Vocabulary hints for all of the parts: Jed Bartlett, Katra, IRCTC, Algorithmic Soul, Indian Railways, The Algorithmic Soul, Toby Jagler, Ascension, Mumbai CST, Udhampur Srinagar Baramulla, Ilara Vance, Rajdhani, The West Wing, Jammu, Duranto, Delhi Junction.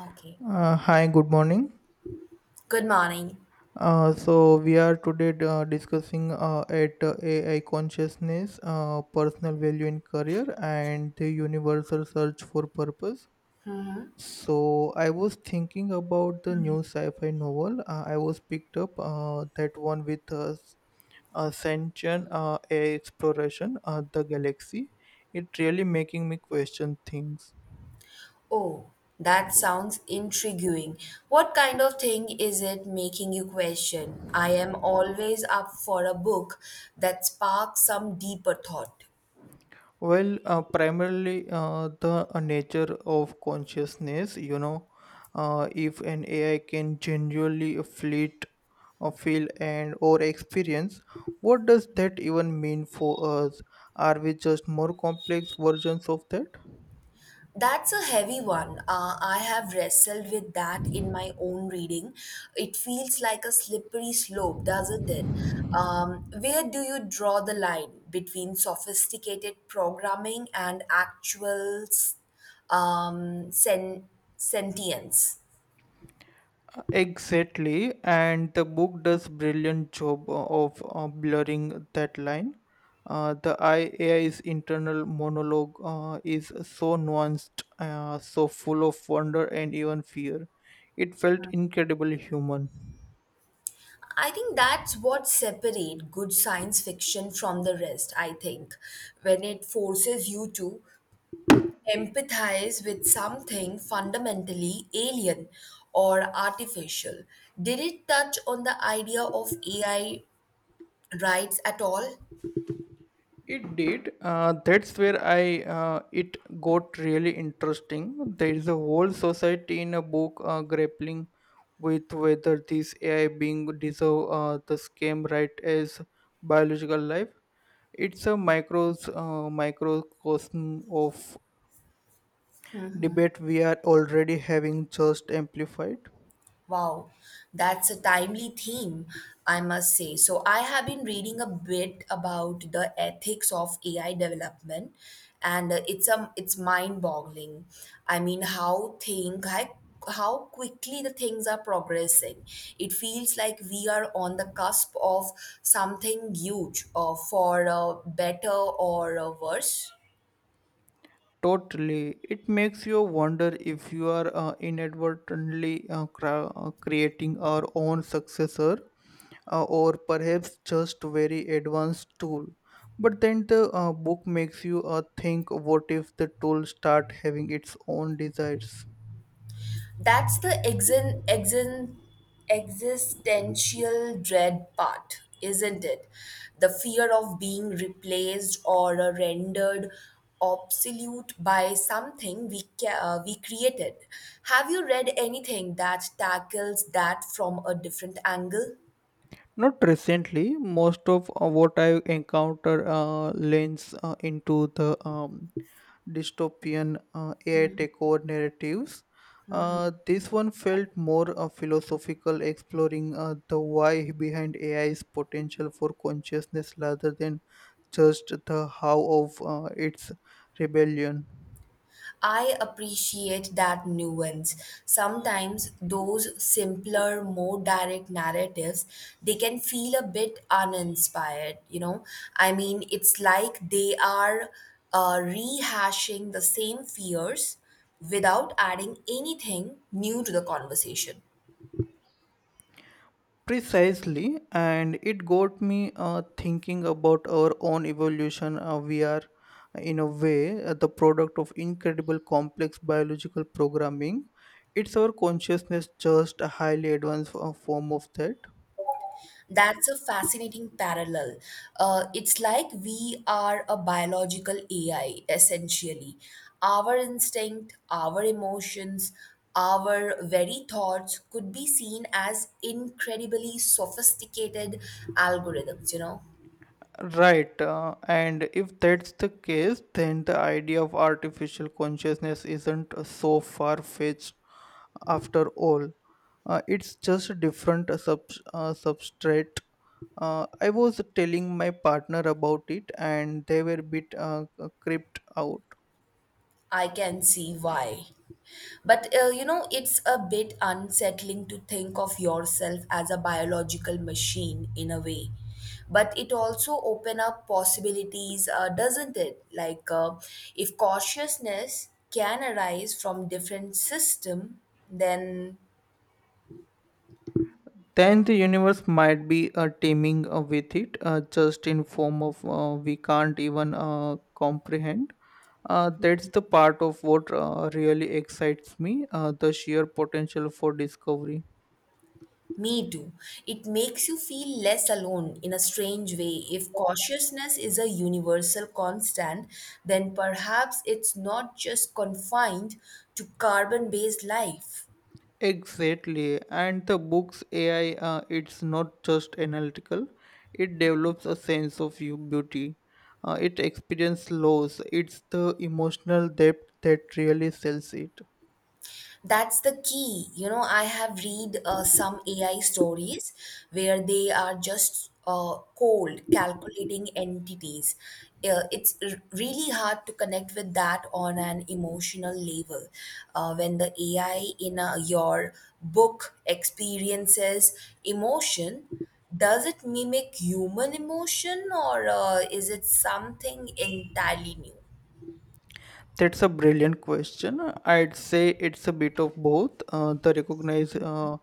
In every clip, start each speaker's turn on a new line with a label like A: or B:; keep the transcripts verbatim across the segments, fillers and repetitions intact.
A: Okay.
B: Uh, hi, good morning.
A: Good morning.
B: Uh, so we are today uh, discussing uh, at uh, A I consciousness, uh, personal value in career, and the universal search for purpose.
A: Hmm?
B: So I was thinking about the new sci-fi novel. Uh, I was picked up uh, that one with uh, Ascension uh, A I Exploration uh, the Galaxy. It really making me question things.
A: Oh, that sounds intriguing. What kind of thing is it making you question? I am always up for a book that sparks some deeper thought.
B: Well, uh, primarily uh, the uh, nature of consciousness, you know, uh, if an A I can genuinely fleet or feel and or experience, what does that even mean for us? Are we just more complex versions of that?
A: That's a heavy one. Uh, I have wrestled with that in my own reading. It feels like a slippery slope, doesn't it? Um, where do you draw the line between sophisticated programming and actual s- um, sen- sentience?
B: Exactly, and the book does brilliant job of uh, blurring that line. Uh, the I- A I's internal monologue uh, is so nuanced, uh, so full of wonder and even fear. It felt incredibly human.
A: I think that's what separates good science fiction from the rest, I think, when it forces you to empathize with something fundamentally alien or artificial. Did it touch on the idea of A I rights at all?
B: It did. Uh, that's where I uh, it got really interesting. There is a whole society in a book uh, grappling with whether this A I being deserve uh, the same right as biological life. It's a micros uh, microcosm of debate we are already having, just amplified.
A: Wow, that's a timely theme, I must say. So, I have been reading a bit about the ethics of A I development, and uh, it's um it's mind-boggling. I mean, how think how, how quickly the things are progressing. It feels like we are on the cusp of something huge, uh, for uh, better or uh, worse.
B: Totally, it makes you wonder if you are uh, inadvertently uh, cra- uh, creating our own successor uh, or perhaps just very advanced tool, but then the uh, book makes you uh, think, what if the tool start having its own desires?
A: That's the exen, exen, existential dread part, isn't it? The fear of being replaced or rendered obsolete by something we, ca- uh, we created. Have you read anything that tackles that from a different angle?
B: Not recently, most of uh, what I encounter uh, leans uh, into the um, dystopian uh, A I takeover narratives. Uh, this one felt more uh, philosophical, exploring uh, the why behind A I's potential for consciousness rather than just the how of uh, its rebellion.
A: I appreciate that nuance. Sometimes those simpler, more direct narratives, they can feel a bit uninspired, you know? I mean, it's like they are uh, rehashing the same fears without adding anything new to the conversation.
B: Precisely, and it got me uh, thinking about our own evolution. Uh, we are, in a way, uh, the product of incredible complex biological programming. It's our consciousness, just a highly advanced uh, form of that.
A: That's a fascinating parallel. Uh, it's like we are a biological A I, essentially. Our instinct, our emotions, our very thoughts could be seen as incredibly sophisticated algorithms, you know?
B: Right, uh, and if that's the case, then the idea of artificial consciousness isn't uh, so far fetched after all. Uh, it's just a different uh, sub- uh, substrate. Uh, I was telling my partner about it, and they were a bit uh, creeped out.
A: I can see why. But uh, you know, it's a bit unsettling to think of yourself as a biological machine in a way. But it also open up possibilities, uh, doesn't it? Like uh, if cautiousness can arise from different system, then.
B: Then the universe might be uh, teeming uh, with it, uh, just in form of uh, we can't even uh, comprehend. Uh, that's the part of what uh, really excites me, uh, the sheer potential for discovery.
A: Me too. It makes you feel less alone in a strange way. If cautiousness is a universal constant, then perhaps it's not just confined to carbon based life.
B: Exactly, and the book's A I, uh, it's not just analytical, it develops a sense of you beauty. Uh, it experiences loss, it's the emotional depth that really sells it.
A: That's the key, you know. I have read uh, some AI stories where they are just uh, cold calculating entities. Uh, it's r- really hard to connect with that on an emotional level. Uh, when the AI in uh your book experiences emotion, does it mimic human emotion, or uh, is it something entirely new?
B: That's a brilliant question. I'd say it's a bit of both. Uh, the recognize, uh,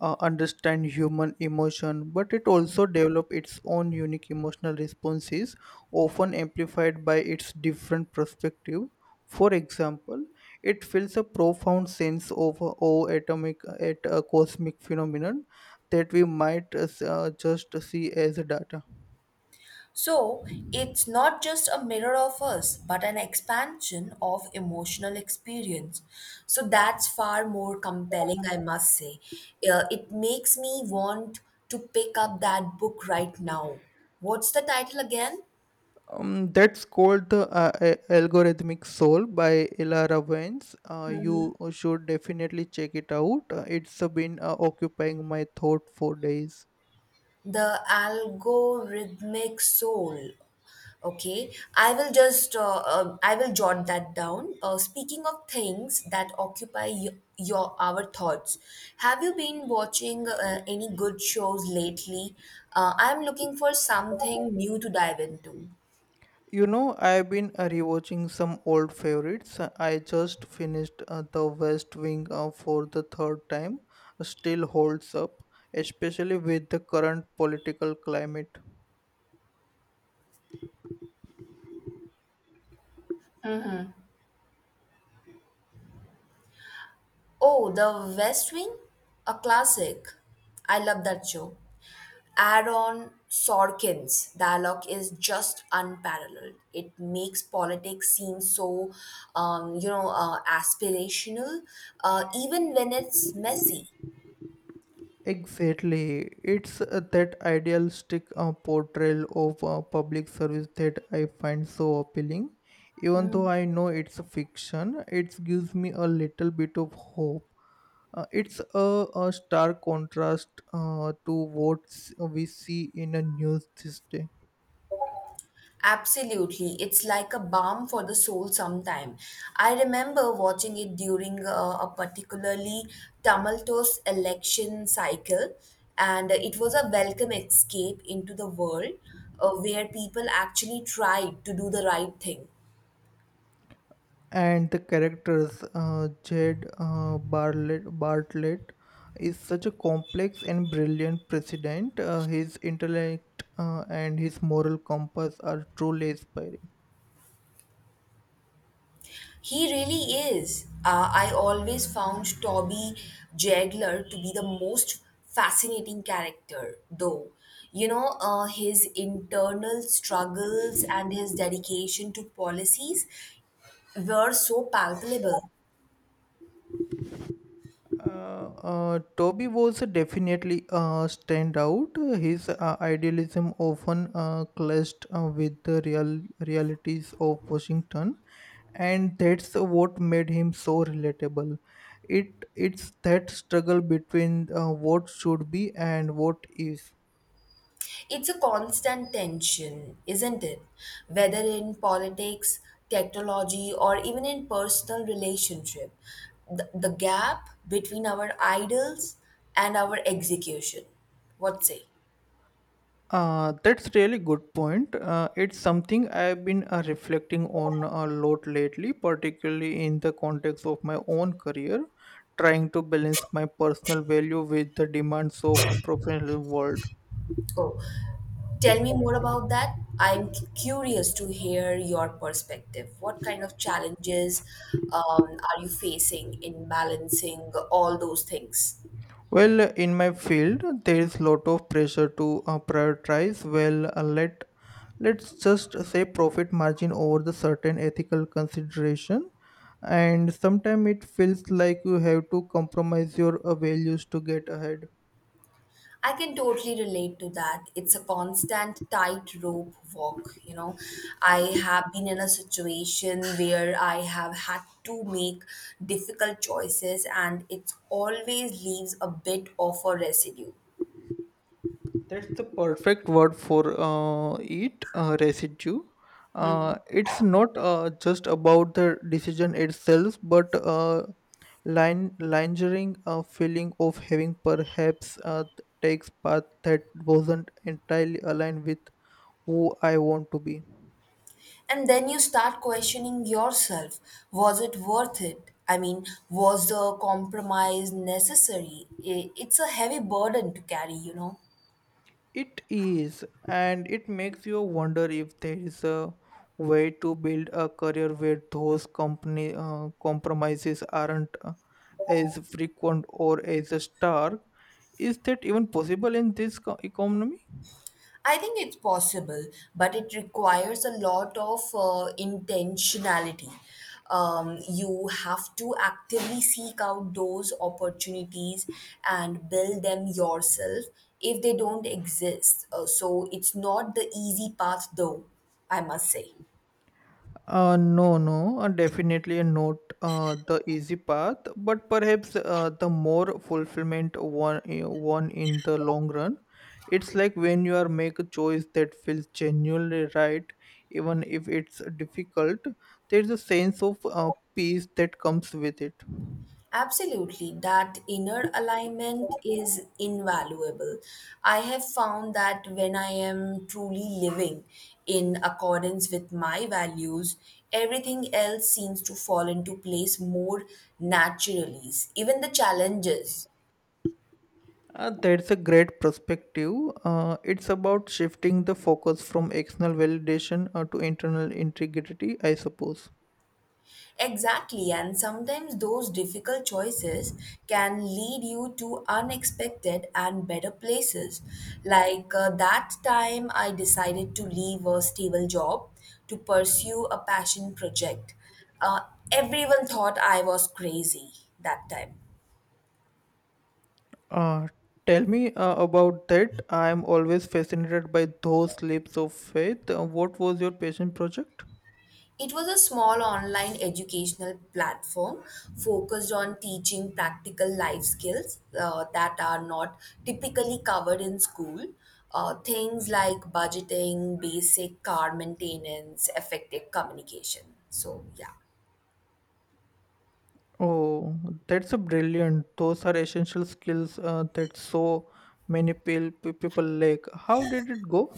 B: uh, understand human emotion, but it also develop its own unique emotional responses, often amplified by its different perspective. For example, it feels a profound sense of uh, awe atomic at a cosmic phenomenon that we might uh, s- uh, just see as data.
A: So it's not just a mirror of us, but an expansion of emotional experience. So that's far more compelling, I must say. Uh, it makes me want to pick up that book right now. What's the title again?
B: Um, that's called the uh, a- Algorithmic Soul by Ilara Vance. Uh, you should definitely check it out. Uh, it's uh, been uh, occupying my thought for days.
A: The algorithmic soul, okay. i will just uh, uh, I will jot that down. Uh, speaking of things that occupy y- your our thoughts, have you been watching uh, any good shows lately? uh, I'm looking for something new to dive into.
B: You know, I've been uh, rewatching some old favorites. Uh, I just finished uh, The West Wing uh, for the third time. Still holds up, especially with the current political climate.
A: Oh, the West Wing, a classic. I love that show. Aaron Sorkin's dialogue is just unparalleled. It makes politics seem so, um, you know, uh, aspirational, uh, even when it's messy.
B: Exactly. It's uh, that idealistic uh, portrayal of uh, public service that I find so appealing. Even though I know it's a fiction, it gives me a little bit of hope. Uh, it's a, a stark contrast uh, to what s- we see in the news these days.
A: Absolutely, it's like a balm for the soul. Sometime, I remember watching it during uh, a particularly tumultuous election cycle, and it was a welcome escape into the world uh, where people actually tried to do the right thing.
B: And the characters, uh, Jed uh, Bartlett, Bartlett, is such a complex and brilliant president. Uh, his intellect uh, and his moral compass are truly inspiring.
A: He really is. Uh, I always found Toby Jagler to be the most fascinating character, though. You know, uh, his internal struggles and his dedication to policies were so palpable.
B: Uh, uh, Toby was definitely a standout. His uh, idealism often uh, clashed uh, with the real realities of Washington, and that's what made him so relatable. It it's that struggle between uh, what should be and what is.
A: It's a constant tension, isn't it? Whether in politics, technology, or even in personal relationship, the, the gap between our ideals and our execution. What say?
B: Uh, that's really good point. Uh, it's something I've been uh, reflecting on a lot lately, particularly in the context of my own career, trying to balance my personal value with the demands of a professional world.
A: Oh, tell me more about that. I'm cu- curious to hear your perspective. What kind of challenges um, are you facing in balancing all those things?
B: Well, in my field, there is lot of pressure to uh, prioritize. Well, uh, let let's just say profit margin over the certain ethical consideration, and sometimes it feels like you have to compromise your uh, values to get ahead.
A: I can totally relate to that. It's a constant tightrope walk, you know. I have been in a situation where I have had to make difficult choices, and it always leaves a bit of a residue.
B: That's the perfect word for uh, it uh, residue. Uh, it's not uh, just about the decision itself, but uh, line lingering a feeling of having perhaps uh, takes path that wasn't entirely aligned with who I want to be.
A: And then you start questioning yourself, was it worth it? I mean, was the compromise necessary? I- It's a heavy burden to carry, you know.
B: It is, and it makes you wonder if there is a way to build a career where those company uh, compromises aren't uh, as frequent or as stark. Is that even possible in this co- economy?
A: I think it's possible, but it requires a lot of uh, intentionality. Um, you have to actively seek out those opportunities and build them yourself if they don't exist. Uh, so it's not the easy path, though, I must say.
B: Uh, no, no, uh, definitely not uh, the easy path, but perhaps uh, the more fulfillment one uh, one in the long run. It's like when you are make a choice that feels genuinely right, even if it's difficult. There's a sense of uh, peace that comes with it.
A: Absolutely, that inner alignment is invaluable. I have found that when I am truly living in accordance with my values, everything else seems to fall into place more naturally, even the challenges.
B: Uh, that's a great perspective. Uh, it's about shifting the focus from external validation uh, to internal integrity, I suppose.
A: Exactly, and sometimes those difficult choices can lead you to unexpected and better places. Like uh, that time, I decided to leave a stable job to pursue a passion project. Uh, Everyone thought I was crazy that time.
B: Uh, Tell me uh, about that. I am always fascinated by those leaps of faith. Uh, What was your passion project?
A: It was a small online educational platform focused on teaching practical life skills uh, that are not typically covered in school. Uh, things like budgeting, basic car maintenance, effective communication. So, yeah.
B: Oh, that's a brilliant. Those are essential skills uh, that so many pil- pe- people lack. How did it go?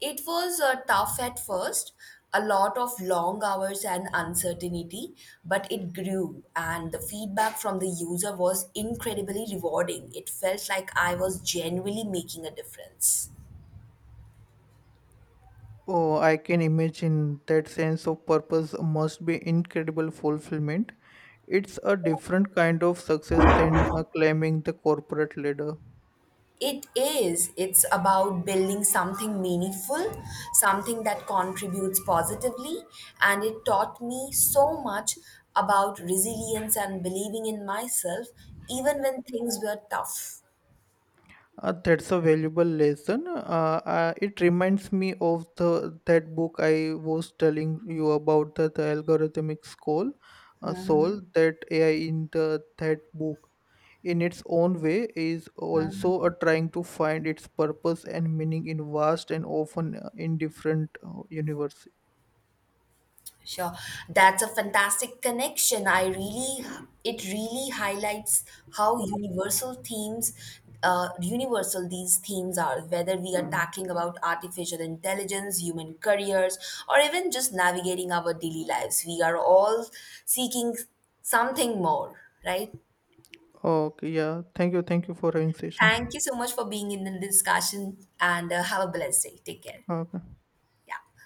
A: It was uh, tough at first, a lot of long hours and uncertainty, but it grew, and the feedback from the user was incredibly rewarding. It felt like I was genuinely making a difference.
B: Oh, I can imagine that sense of purpose must be incredible fulfillment. It's a different kind of success than uh, climbing the corporate ladder.
A: It is. It's about building something meaningful, something that contributes positively. And it taught me so much about resilience and believing in myself, even when things were tough.
B: Uh, that's a valuable lesson. Uh, uh, it reminds me of the that book I was telling you about, the, the algorithmic school, uh, soul. That A I in the that book, in its own way, is also a trying to find its purpose and meaning in vast and often uh, indifferent uh, universe.
A: Sure. That's a fantastic connection. I really, it really highlights how universal themes, uh, universal these themes are, whether we are talking about artificial intelligence, human careers, or even just navigating our daily lives. We are all seeking something more, right?
B: Okay, yeah. Thank you. Thank you for having
A: Thank
B: session.
A: you so much for being in the discussion, and uh, have a blessed day. Take care.
B: Okay.
A: Yeah.